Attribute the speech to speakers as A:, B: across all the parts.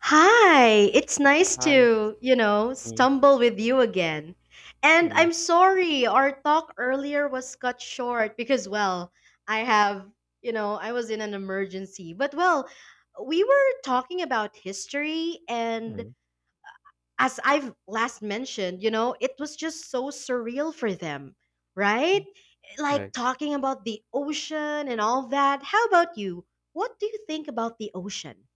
A: Hi, it's nice
B: Hi.
A: to, you know,
B: Mm,
A: stumble with you again. And
B: mm,
A: I'm sorry, our talk earlier was cut short because, well, I have, I was in an emergency. But, well, we were talking about history, and
B: mm,
A: as I've last mentioned, it was just so surreal for them, right?
B: mm.
A: Like
B: Right.
A: talking about the ocean and all that. How about you? What do you think about the ocean?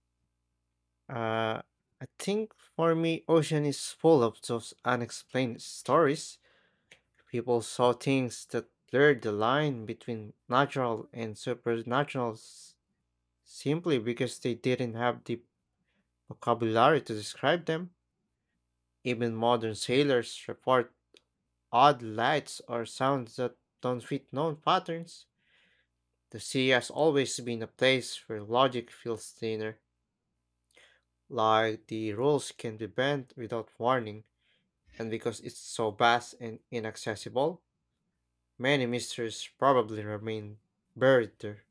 B: Uh, I think for me, ocean is full of those unexplained stories. People saw things that blurred the line between natural and supernatural simply because they didn't have the vocabulary to describe them. Even modern sailors report odd lights or sounds that don't fit known patterns. The sea has always been a place where logic feels thinner. Like the rules can be bent without warning, and because it's so vast and inaccessible, many mysteries probably remain buried there.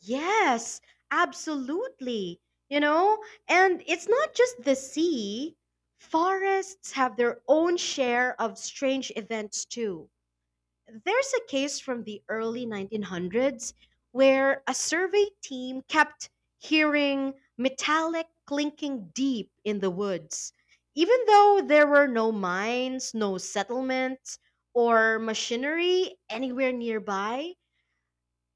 A: Yes, absolutely. You know, and it's not just the sea. Forests have their own share of strange events too. There's a case from the early 1900s where a survey team kept hearing metallic clinking deep in the woods. Even though there were no mines, no settlements, or machinery anywhere nearby,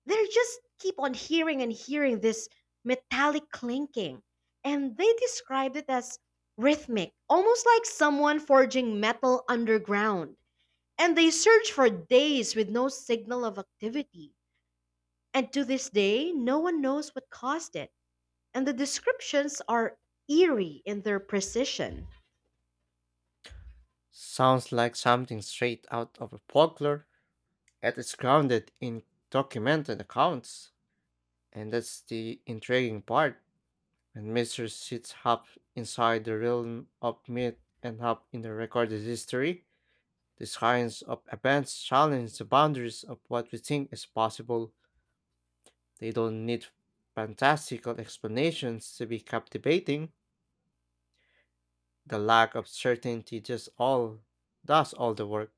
A: they just keep on hearing and hearing this metallic clinking. And they described it as rhythmic, almost like someone forging metal underground. And they searched for days with no signal of activity. And to this day, no one knows what caused it. And the descriptions are eerie in their precision.
B: Sounds like something straight out of a folklore, yet it's grounded in documented accounts. And that's the intriguing part, when mystery sits half inside the realm of myth and half in the recorded history. The science of events challenges the boundaries of what we think is possible. They don't need fantastical explanations to be captivating. The lack of certainty just all does all the work.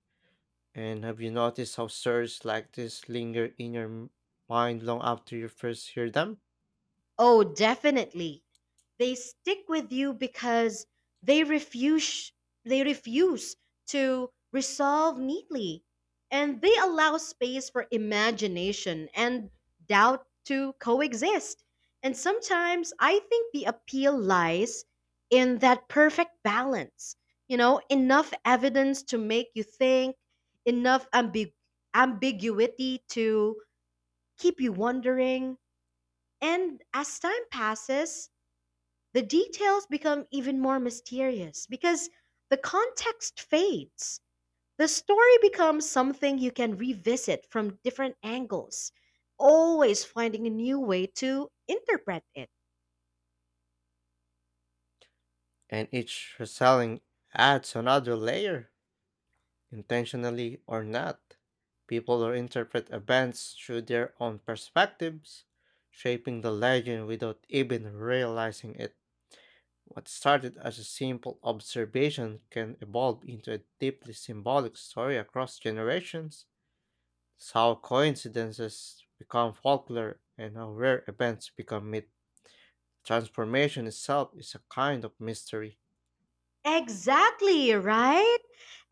B: And have you noticed how stories like this linger in your mind long after you first hear them?
A: Oh, definitely. They stick with you because they refuse they refuse to resolve neatly, and they allow space for imagination and doubt to coexist. And sometimes I think the appeal lies in that perfect balance. You know, enough evidence to make you think, enough ambiguity to keep you wondering, and as time passes, the details become even more mysterious because the context fades. The story becomes something you can revisit from different angles, always finding a new way to interpret it.
B: And each retelling adds another layer, intentionally or not. People will interpret events through their own perspectives, shaping the legend without even realizing it. What started as a simple observation can evolve into a deeply symbolic story across generations. It's how coincidences become folklore and how rare events become myth. Transformation itself is a kind of mystery.
A: Exactly, right?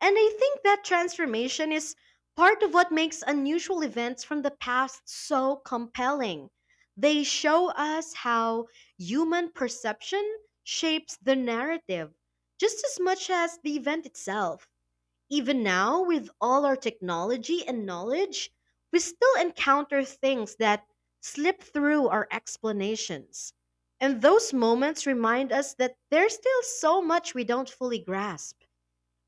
A: And I think that transformation is part of what makes unusual events from the past so compelling. They show us how human perception shapes the narrative just as much as the event itself. Even now, with all our technology and knowledge, we still encounter things that slip through our explanations. And those moments remind us that there's still so much we don't fully grasp.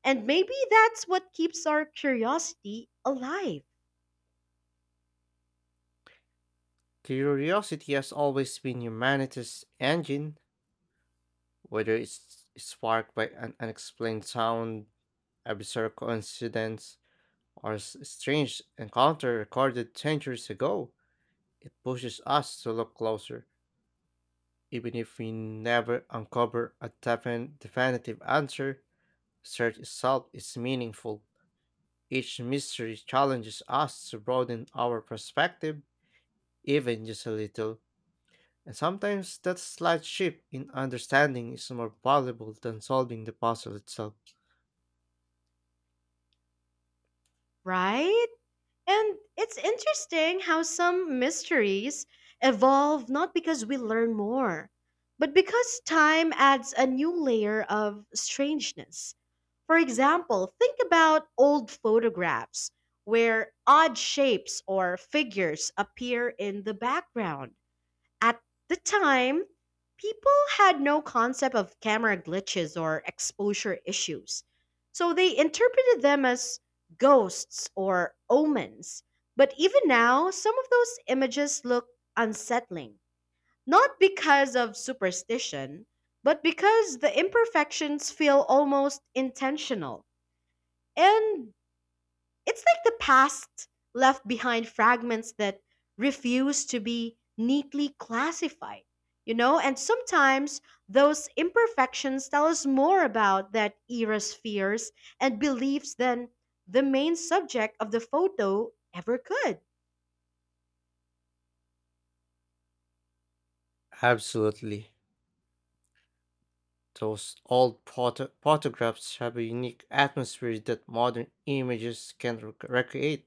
A: And maybe that's what keeps our curiosity alive,
B: Curiosity has always been humanity's engine, whether it's sparked by an unexplained sound, a bizarre coincidence, or a strange encounter recorded centuries ago. It pushes us to look closer. Even if we never uncover a definitive answer, search itself is meaningful. Each mystery challenges us to broaden our perspective, even just a little. And sometimes that slight shift in understanding is more valuable than solving the puzzle itself.
A: right? And it's interesting how some mysteries evolve not because we learn more, but because time adds a new layer of strangeness. For example, think about old photographs where odd shapes or figures appear in the background. At the time, people had no concept of camera glitches or exposure issues, so they interpreted them as ghosts or omens. But even now, some of those images look unsettling, not because of superstition, but because the imperfections feel almost intentional. And it's like the past left behind fragments that refuse to be neatly classified, you know? And sometimes those imperfections tell us more about that era's fears and beliefs than the main subject of the photo ever could.
B: Absolutely. Those old photographs have a unique atmosphere that modern images can't recreate.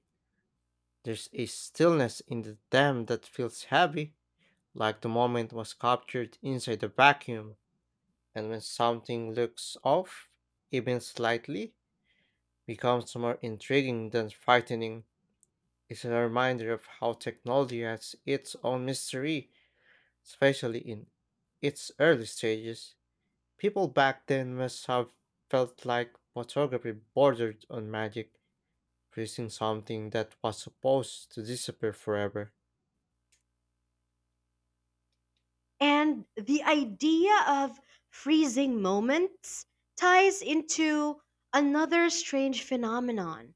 B: There's a stillness in the dam that feels heavy, like the moment was captured inside a vacuum, and when something looks off, even slightly, becomes more intriguing than frightening. It's a reminder of how technology has its own mystery, especially in its early stages. People back then must have felt like photography bordered on magic, producing something that was supposed to disappear forever.
A: And the idea of freezing moments ties into another strange phenomenon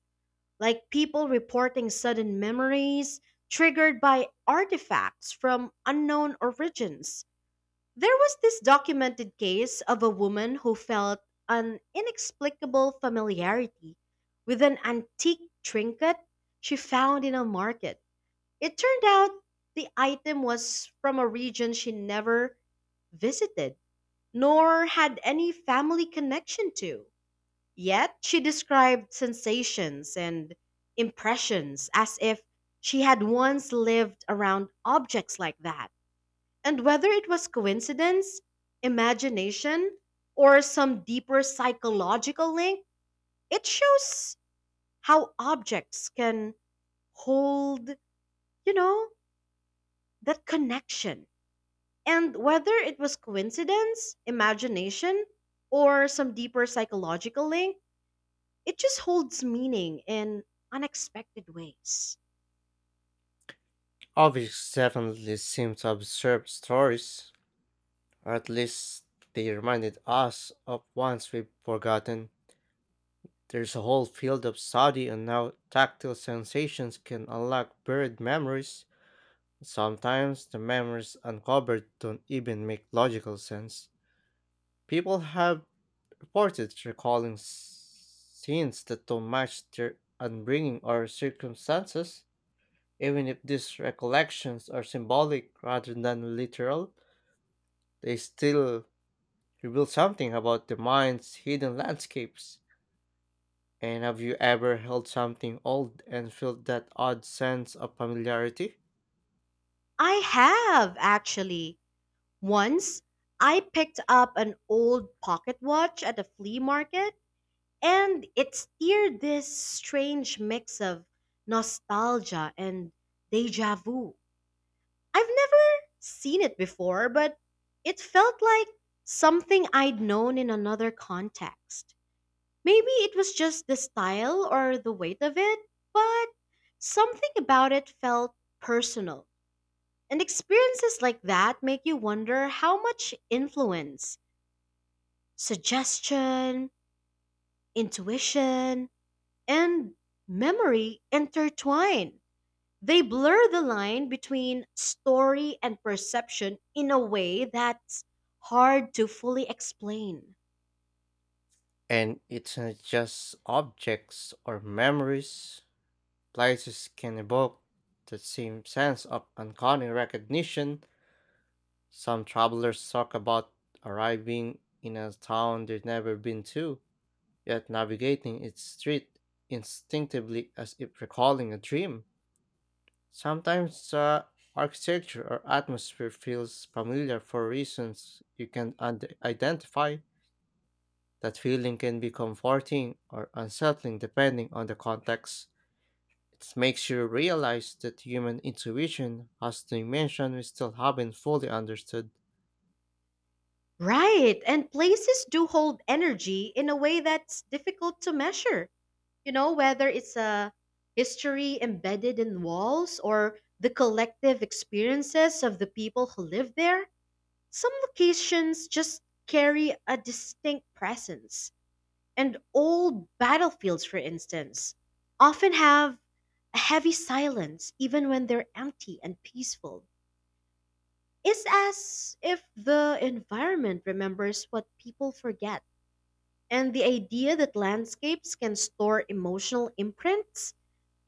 A: like people reporting sudden memories triggered by artifacts from unknown origins. There was this documented case of a woman who felt an inexplicable familiarity with an antique trinket she found in a market. It turned out the item was from a region she never visited nor had any family connection to. Yet she described sensations and impressions as if she had once lived around objects like that. And whether it was coincidence, imagination, or some deeper psychological link, it shows how objects can hold, you know, that connection. And whether it was coincidence, imagination, or some deeper psychological link, it just holds meaning in unexpected ways.
B: Objects definitely seem to absorb stories, or at least they reminded us of ones we've forgotten. There's a whole field of study on how tactile sensations can unlock buried memories. Sometimes the memories uncovered don't even make logical sense. People have reported recalling scenes that don't match their upbringing or circumstances. Even if these recollections are symbolic rather than literal, they still reveal something about the mind's hidden landscapes. And have you ever held something old and felt that odd sense of familiarity?
A: I have actually. Once I picked up an old pocket watch at a flea market, and it stirred this strange mix of nostalgia and deja vu. I've never seen it before, but it felt like something I'd known in another context. Maybe it was just the style or the weight of it, but something about it felt personal. And experiences like that make you wonder how much influence, suggestion, intuition, and memory intertwine. They blur the line between story and perception in a way that's hard to fully explain.
B: And it's not just objects or memories. Places can evoke the same sense of uncanny recognition. Some travelers talk about arriving in a town they've never been to, yet navigating its street instinctively as if recalling a dream. Sometimes the architecture or atmosphere feels familiar for reasons you can identify. That feeling can be comforting or unsettling depending on the context. It makes you realize that human intuition has a dimension we still haven't fully understood.
A: Right. And places do hold energy in a way that's difficult to measure. Whether it's a history embedded in walls or the collective experiences of the people who live there, some locations just carry a distinct presence. And old battlefields, for instance, often have a heavy silence even when they're empty and peaceful. It's as if the environment remembers what people forget. And the idea that landscapes can store emotional imprints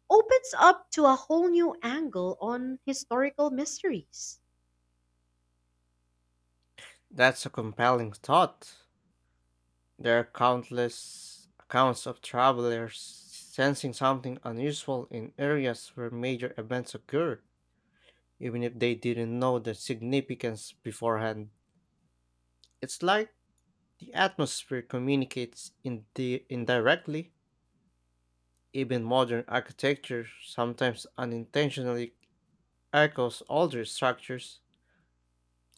A: opens up to a whole new angle on historical mysteries.
B: That's a compelling thought. There are countless accounts of travelers sensing something unusual in areas where major events occur even if they didn't know the significance beforehand. It's like the atmosphere communicates in the indirectly. Even modern architecture sometimes unintentionally echoes older structures,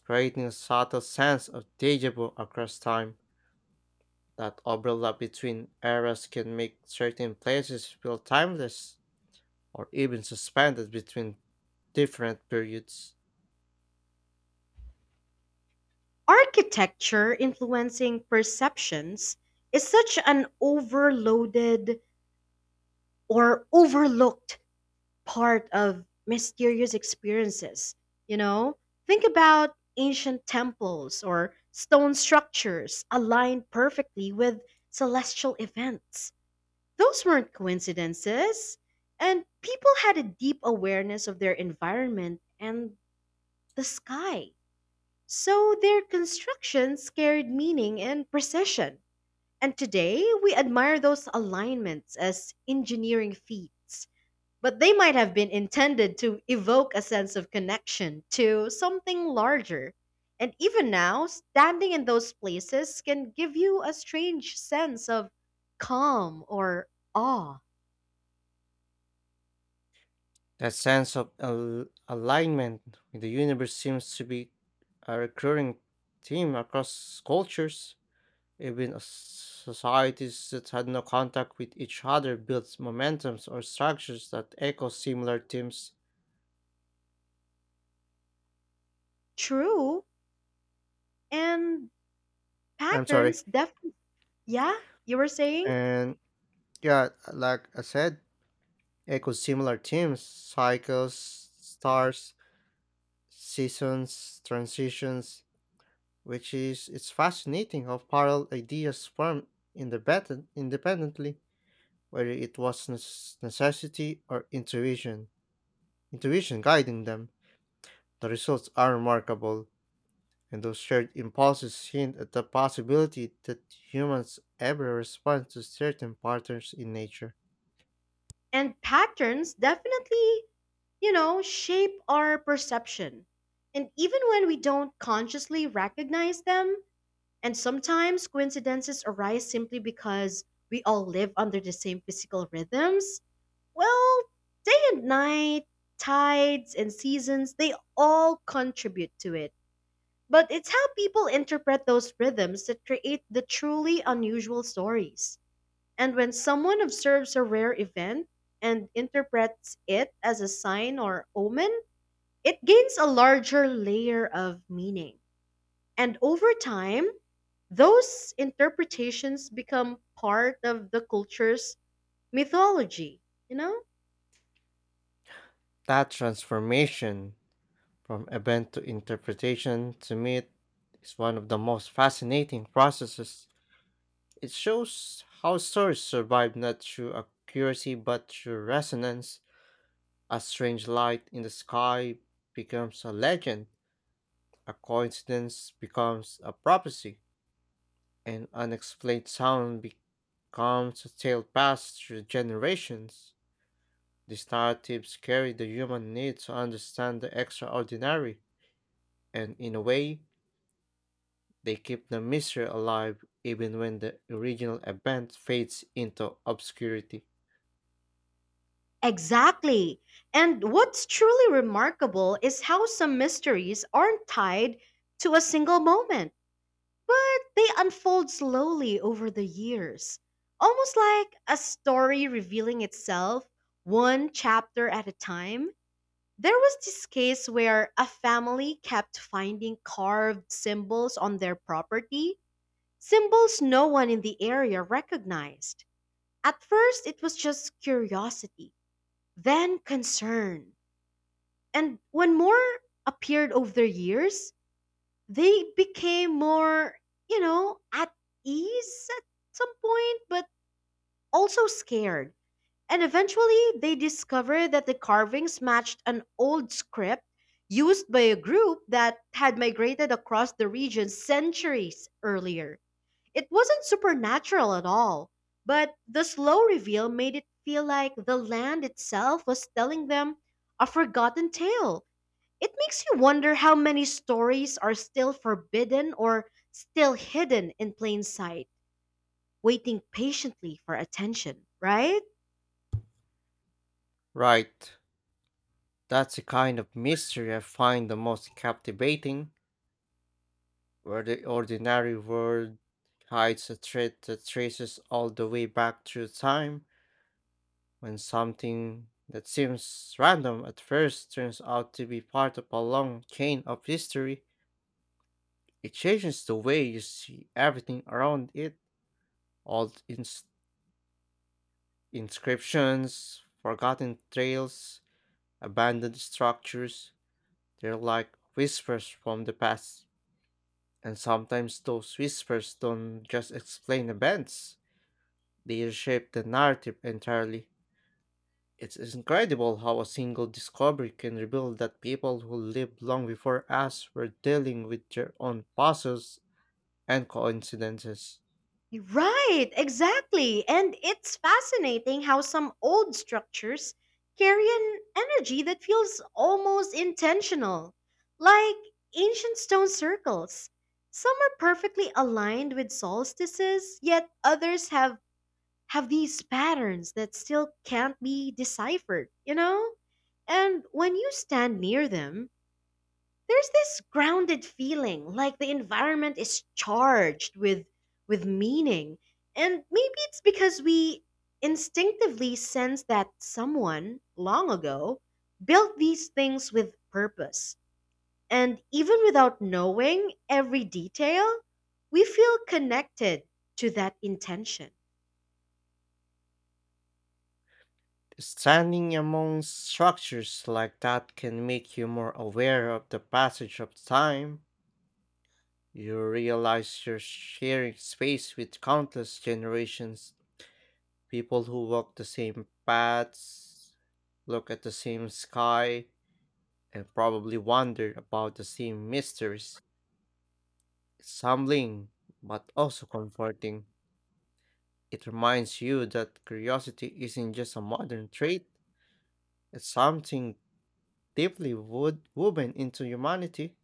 B: creating a subtle sense of deja vu across time. That overlap between eras can make certain places feel timeless or even suspended between different periods.
A: Architecture influencing perceptions is such an overloaded or overlooked part of mysterious experiences. You know, think about ancient temples or stone structures aligned perfectly with celestial events. Those weren't coincidences. And people had a deep awareness of their environment and the sky. So their constructions carried meaning and precision. And today, we admire those alignments as engineering feats. But they might have been intended to evoke a sense of connection to something larger. And even now, standing in those places can give you a strange sense of calm or awe.
B: That sense of alignment with the universe seems to be a recurring theme across cultures. Even as societies that had no contact with each other built momentums or structures that echo similar themes.
A: True. And
B: I'm sorry.
A: patterns definitely, yeah, you were saying?
B: And yeah, like I said, echo similar themes, cycles, stars, seasons, transitions, which is it's fascinating how parallel ideas form independently, whether it was necessity or intuition guiding them. The results are remarkable, and those shared impulses hint at the possibility that humans ever respond to certain patterns in nature.
A: And patterns definitely, shape our perception. And even when we don't consciously recognize them, and sometimes coincidences arise simply because we all live under the same physical rhythms, well, day and night, tides and seasons, they all contribute to it. But it's how people interpret those rhythms that create the truly unusual stories. And when someone observes a rare event and interprets it as a sign or omen, it gains a larger layer of meaning. And over time, those interpretations become part of the culture's mythology, you know?
B: That transformation from event to interpretation to me is one of the most fascinating processes. It shows how stories survive not through accuracy but through resonance. A strange light in the sky becomes a legend, a coincidence becomes a prophecy, an unexplained sound becomes a tale passed through generations. These narratives carry the human need to understand the extraordinary, and in a way, they keep the mystery alive even when the original event fades into obscurity.
A: Exactly. And what's truly remarkable is how some mysteries aren't tied to a single moment, but they unfold slowly over the years, almost like a story revealing itself one chapter at a time. There was this case where a family kept finding carved symbols on their property, symbols no one in the area recognized. At first, it was just curiosity, then concern. And when more appeared over the years, they became more, at ease at some point, but also scared. And eventually, they discovered that the carvings matched an old script used by a group that had migrated across the region centuries earlier. It wasn't supernatural at all, but the slow reveal made it feel like the land itself was telling them a forgotten tale. It makes you wonder how many stories are still forbidden or still hidden in plain sight, waiting patiently for attention, right?
B: Right, that's the kind of mystery I find the most captivating, where the ordinary world hides a threat that traces all the way back through time. When something that seems random at first turns out to be part of a long chain of history, it changes the way you see everything around it. Old inscriptions, forgotten trails, abandoned structures, they're like whispers from the past. And sometimes those whispers don't just explain events. They reshape the narrative entirely. It's incredible how a single discovery can reveal that people who lived long before us were dealing with their own puzzles and coincidences.
A: Right, exactly. And it's fascinating how some old structures carry an energy that feels almost intentional, like ancient stone circles. Some are perfectly aligned with solstices, yet others have these patterns that still can't be deciphered, you know? And when you stand near them, there's this grounded feeling like the environment is charged with meaning. And maybe it's because we instinctively sense that someone long ago built these things with purpose. And even without knowing every detail, we feel connected to that intention.
B: Standing among structures like that can make you more aware of the passage of time. You realize you're sharing space with countless generations, people who walk the same paths, look at the same sky, and probably wondered about the same mysteries. It's humbling, but also comforting. It reminds you that curiosity isn't just a modern trait, it's something deeply woven into humanity.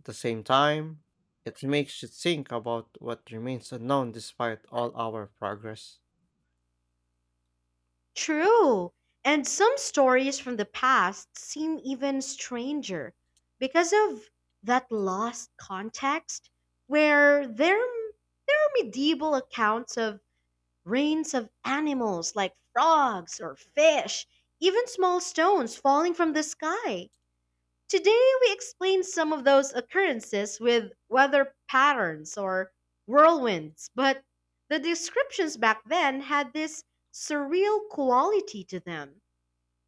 B: At the same time, it makes you think about what remains unknown despite all our progress.
A: True. And some stories from the past seem even stranger because of that lost context where there are medieval accounts of reigns of animals like frogs or fish, even small stones falling from the sky. Today, we explain some of those occurrences with weather patterns or whirlwinds, but the descriptions back then had this surreal quality to them.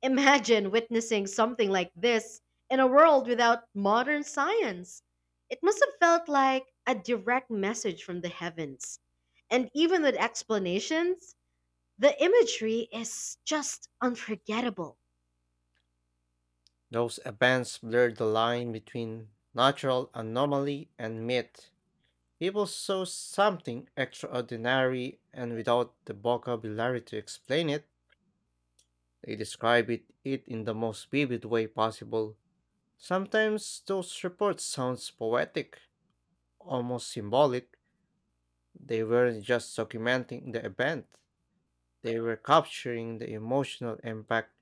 A: Imagine witnessing something like this in a world without modern science. It must have felt like a direct message from the heavens. And even with explanations, the imagery is just unforgettable.
B: Those events blur the line between natural anomaly and myth. People saw something extraordinary, and without the vocabulary to explain it, they describe it in the most vivid way possible. Sometimes those reports sounds poetic, almost symbolic. They weren't just documenting the event, they were capturing the emotional impact.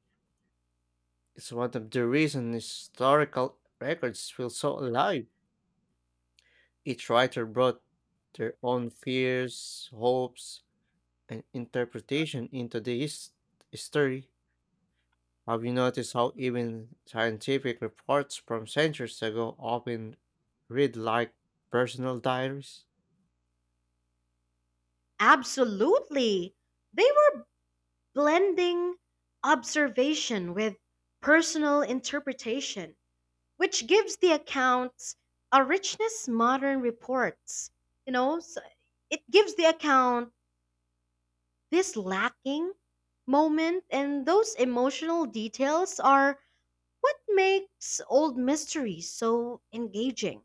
B: It's one of the reasons historical records feel so alive. Each writer brought their own fears, hopes, and interpretation into the story. Have you noticed how even scientific reports from centuries ago often read like personal diaries?
A: Absolutely. They were blending observation with personal interpretation, which gives the accounts a richness modern reports. You know, s- it gives the account this lacking moment, and those emotional details are what makes old mysteries so engaging.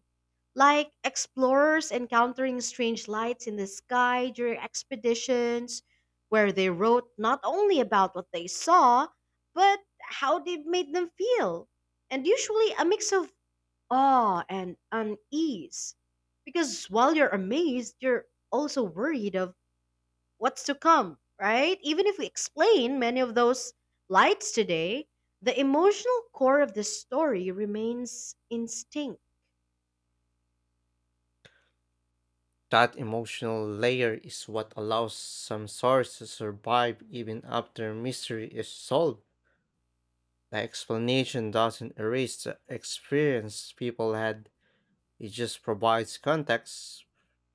A: Like explorers encountering strange lights in the sky during expeditions, where they wrote not only about what they saw, but how they made them feel. And usually a mix of awe and unease. Because while you're amazed, you're also worried of what's to come, right? Even if we explain many of those lights today, the emotional core of the story remains instinct.
B: That emotional layer is what allows some stories to survive even after mystery is solved. The explanation doesn't erase the experience people had, it just provides context.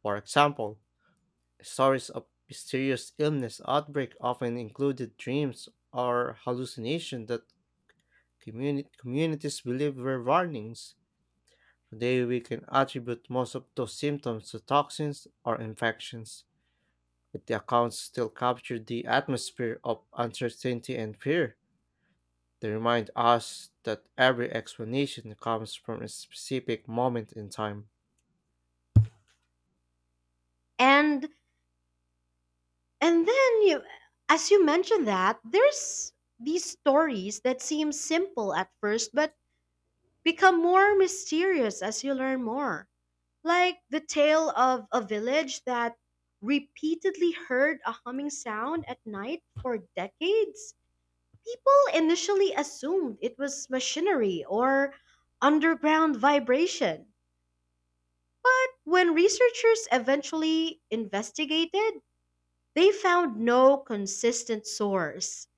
B: For example, stories of mysterious illness outbreak often included dreams or hallucination that communities believe were warnings. Today, we can attribute most of those symptoms to toxins or infections, but the accounts still capture the atmosphere of uncertainty and fear. They remind us that every explanation comes from a specific moment in time.
A: And and then you as you mentioned that, there's these stories that seem simple at first but become more mysterious as you learn more. Like the tale of a village that repeatedly heard a humming sound at night for decades. People initially assumed it was machinery or underground vibration. But when researchers eventually investigated, they found no consistent source.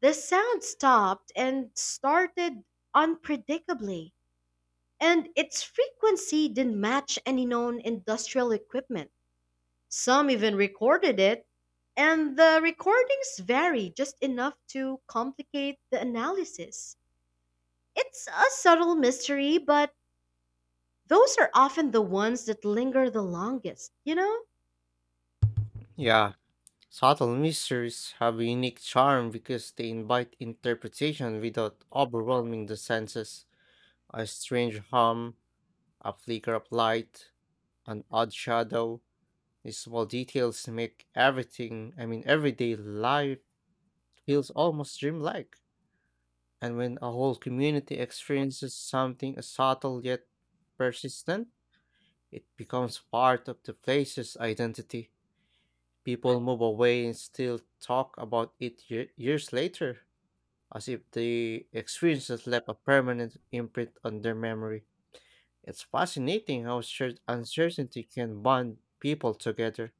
A: The sound stopped and started unpredictably, and its frequency didn't match any known industrial equipment. Some even recorded it, and the recordings vary just enough to complicate the analysis. It's a subtle mystery, but those are often the ones that linger the longest, you know?
B: Yeah, subtle mysteries have a unique charm because they invite interpretation without overwhelming the senses. A strange hum, a flicker of light, an odd shadow, these small details make I mean, everyday life feels almost dreamlike. And when a whole community experiences something as subtle yet persistent, it becomes part of the place's identity. People move away and still talk about it years later, as if the experiences left a permanent imprint on their memory. It's fascinating how uncertainty can bond people together.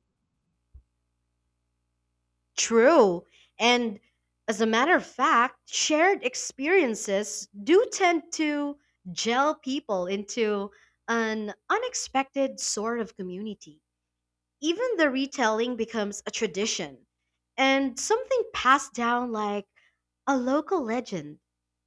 A: True. And as a matter of fact, shared experiences do tend to gel people into an unexpected sort of community. Even the retelling becomes a tradition and something passed down like a local legend.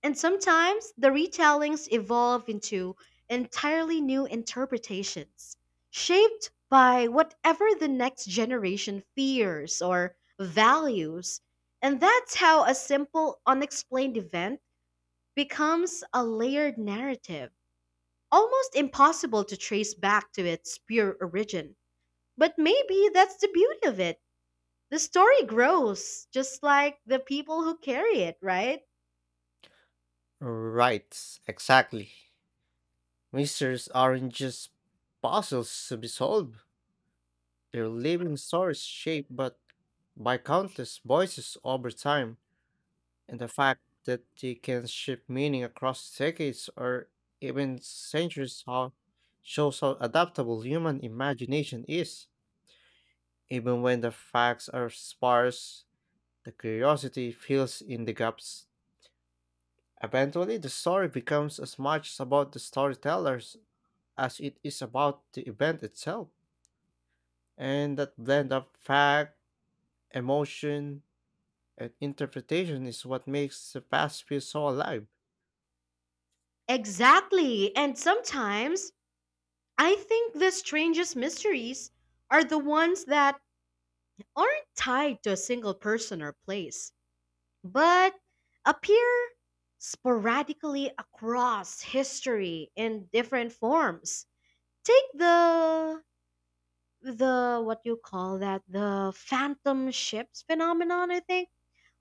A: And sometimes the retellings evolve into entirely new interpretations, shaped by whatever the next generation fears or values. And that's how a simple, unexplained event becomes a layered narrative, almost impossible to trace back to its pure origin. But maybe that's the beauty of it. The story grows, just like the people who carry it, right?
B: Right, exactly. Mysteries aren't just puzzles to be solved, they're living stories shaped but by countless voices over time, and the fact that they can shift meaning across decades or even centuries shows how adaptable human imagination is. Even when the facts are sparse, the curiosity fills in the gaps. Eventually, the story becomes as much about the storytellers as it is about the event itself. And that blend of fact, emotion, and interpretation is what makes the past feel so alive.
A: Exactly. And sometimes I think the strangest mysteries are the ones that aren't tied to a single person or place, but appear sporadically across history in different forms. Take the what you call that the phantom ships phenomenon, I think.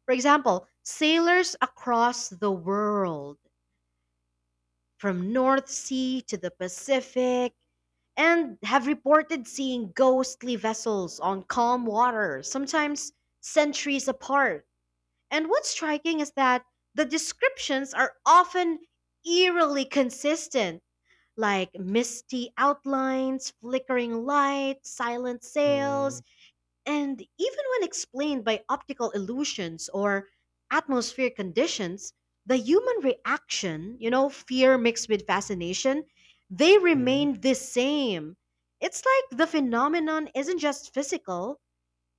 A: For example, sailors across the world, from North Sea to the Pacific, and have reported seeing ghostly vessels on calm water, sometimes centuries apart. And what's striking is that the descriptions are often eerily consistent, like misty outlines, flickering lights, silent
B: Mhm.
A: sails, and even when explained by optical illusions or atmospheric conditions, the human reaction, fear mixed with fascination, they remain the same. It's like the phenomenon isn't just physical,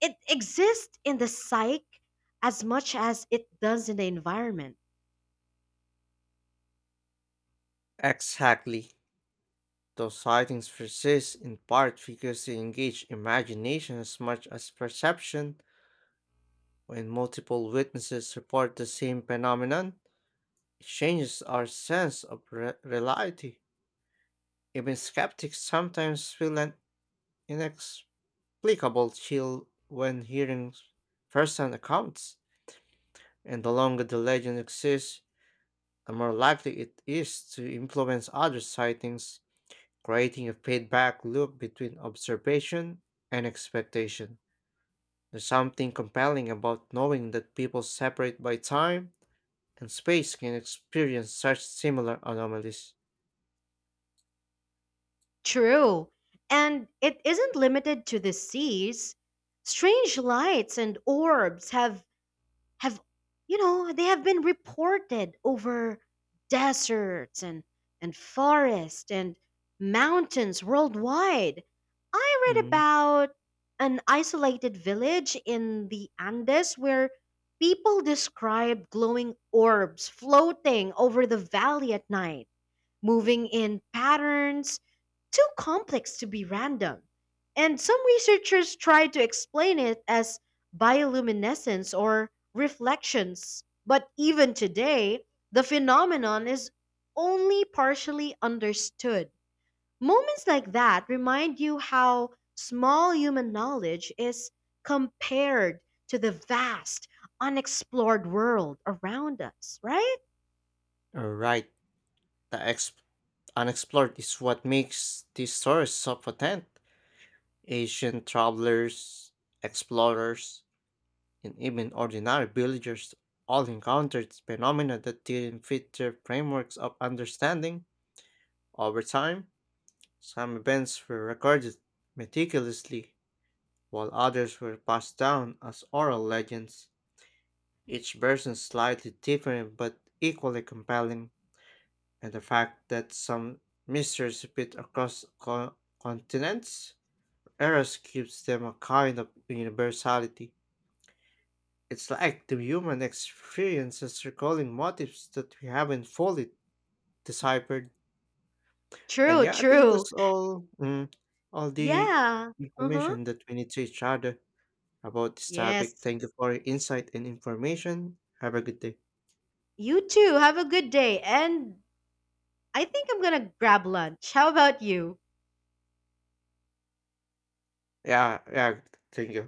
A: it exists in the psyche as much as it does in the environment.
B: Exactly. Those sightings persist in part because they engage imagination as much as perception. When multiple witnesses report the same phenomenon, it changes our sense of reality. Even skeptics sometimes feel an inexplicable chill when hearing first-hand accounts, and the longer the legend exists, the more likely it is to influence other sightings, creating a feedback loop between observation and expectation. There's something compelling about knowing that people separate by time and space can experience such similar anomalies.
A: True. And it isn't limited to the seas. Strange lights and orbs have they have been reported over deserts and forests and mountains worldwide. I read
B: Mm.
A: about an isolated village in the Andes where people described glowing orbs floating over the valley at night, moving in patterns too complex to be random. And some researchers try to explain it as bioluminescence or reflections. But even today, the phenomenon is only partially understood. Moments like that remind you how small human knowledge is compared to the vast, unexplored world around us, right?
B: Right, the unexplored is what makes these stories so potent. Asian travelers, explorers, and even ordinary villagers all encountered phenomena that didn't fit their frameworks of understanding. Over time, some events were recorded meticulously, while others were passed down as oral legends, each version slightly different but equally compelling, and the fact that some mysteries repeat across continents, eras gives them a kind of universality. It's like the human experience is recalling motifs that we haven't fully deciphered. And
A: True,
B: yeah, I think
A: true.
B: that's all all the
A: Yeah. Uh huh.
B: information that we need to each other about this topic.
A: Yes.
B: Thank you for your insight and information. Have a good day.
A: You too. Have a good day. And I think I'm going to grab lunch. How about you?
B: Yeah, yeah, thank you.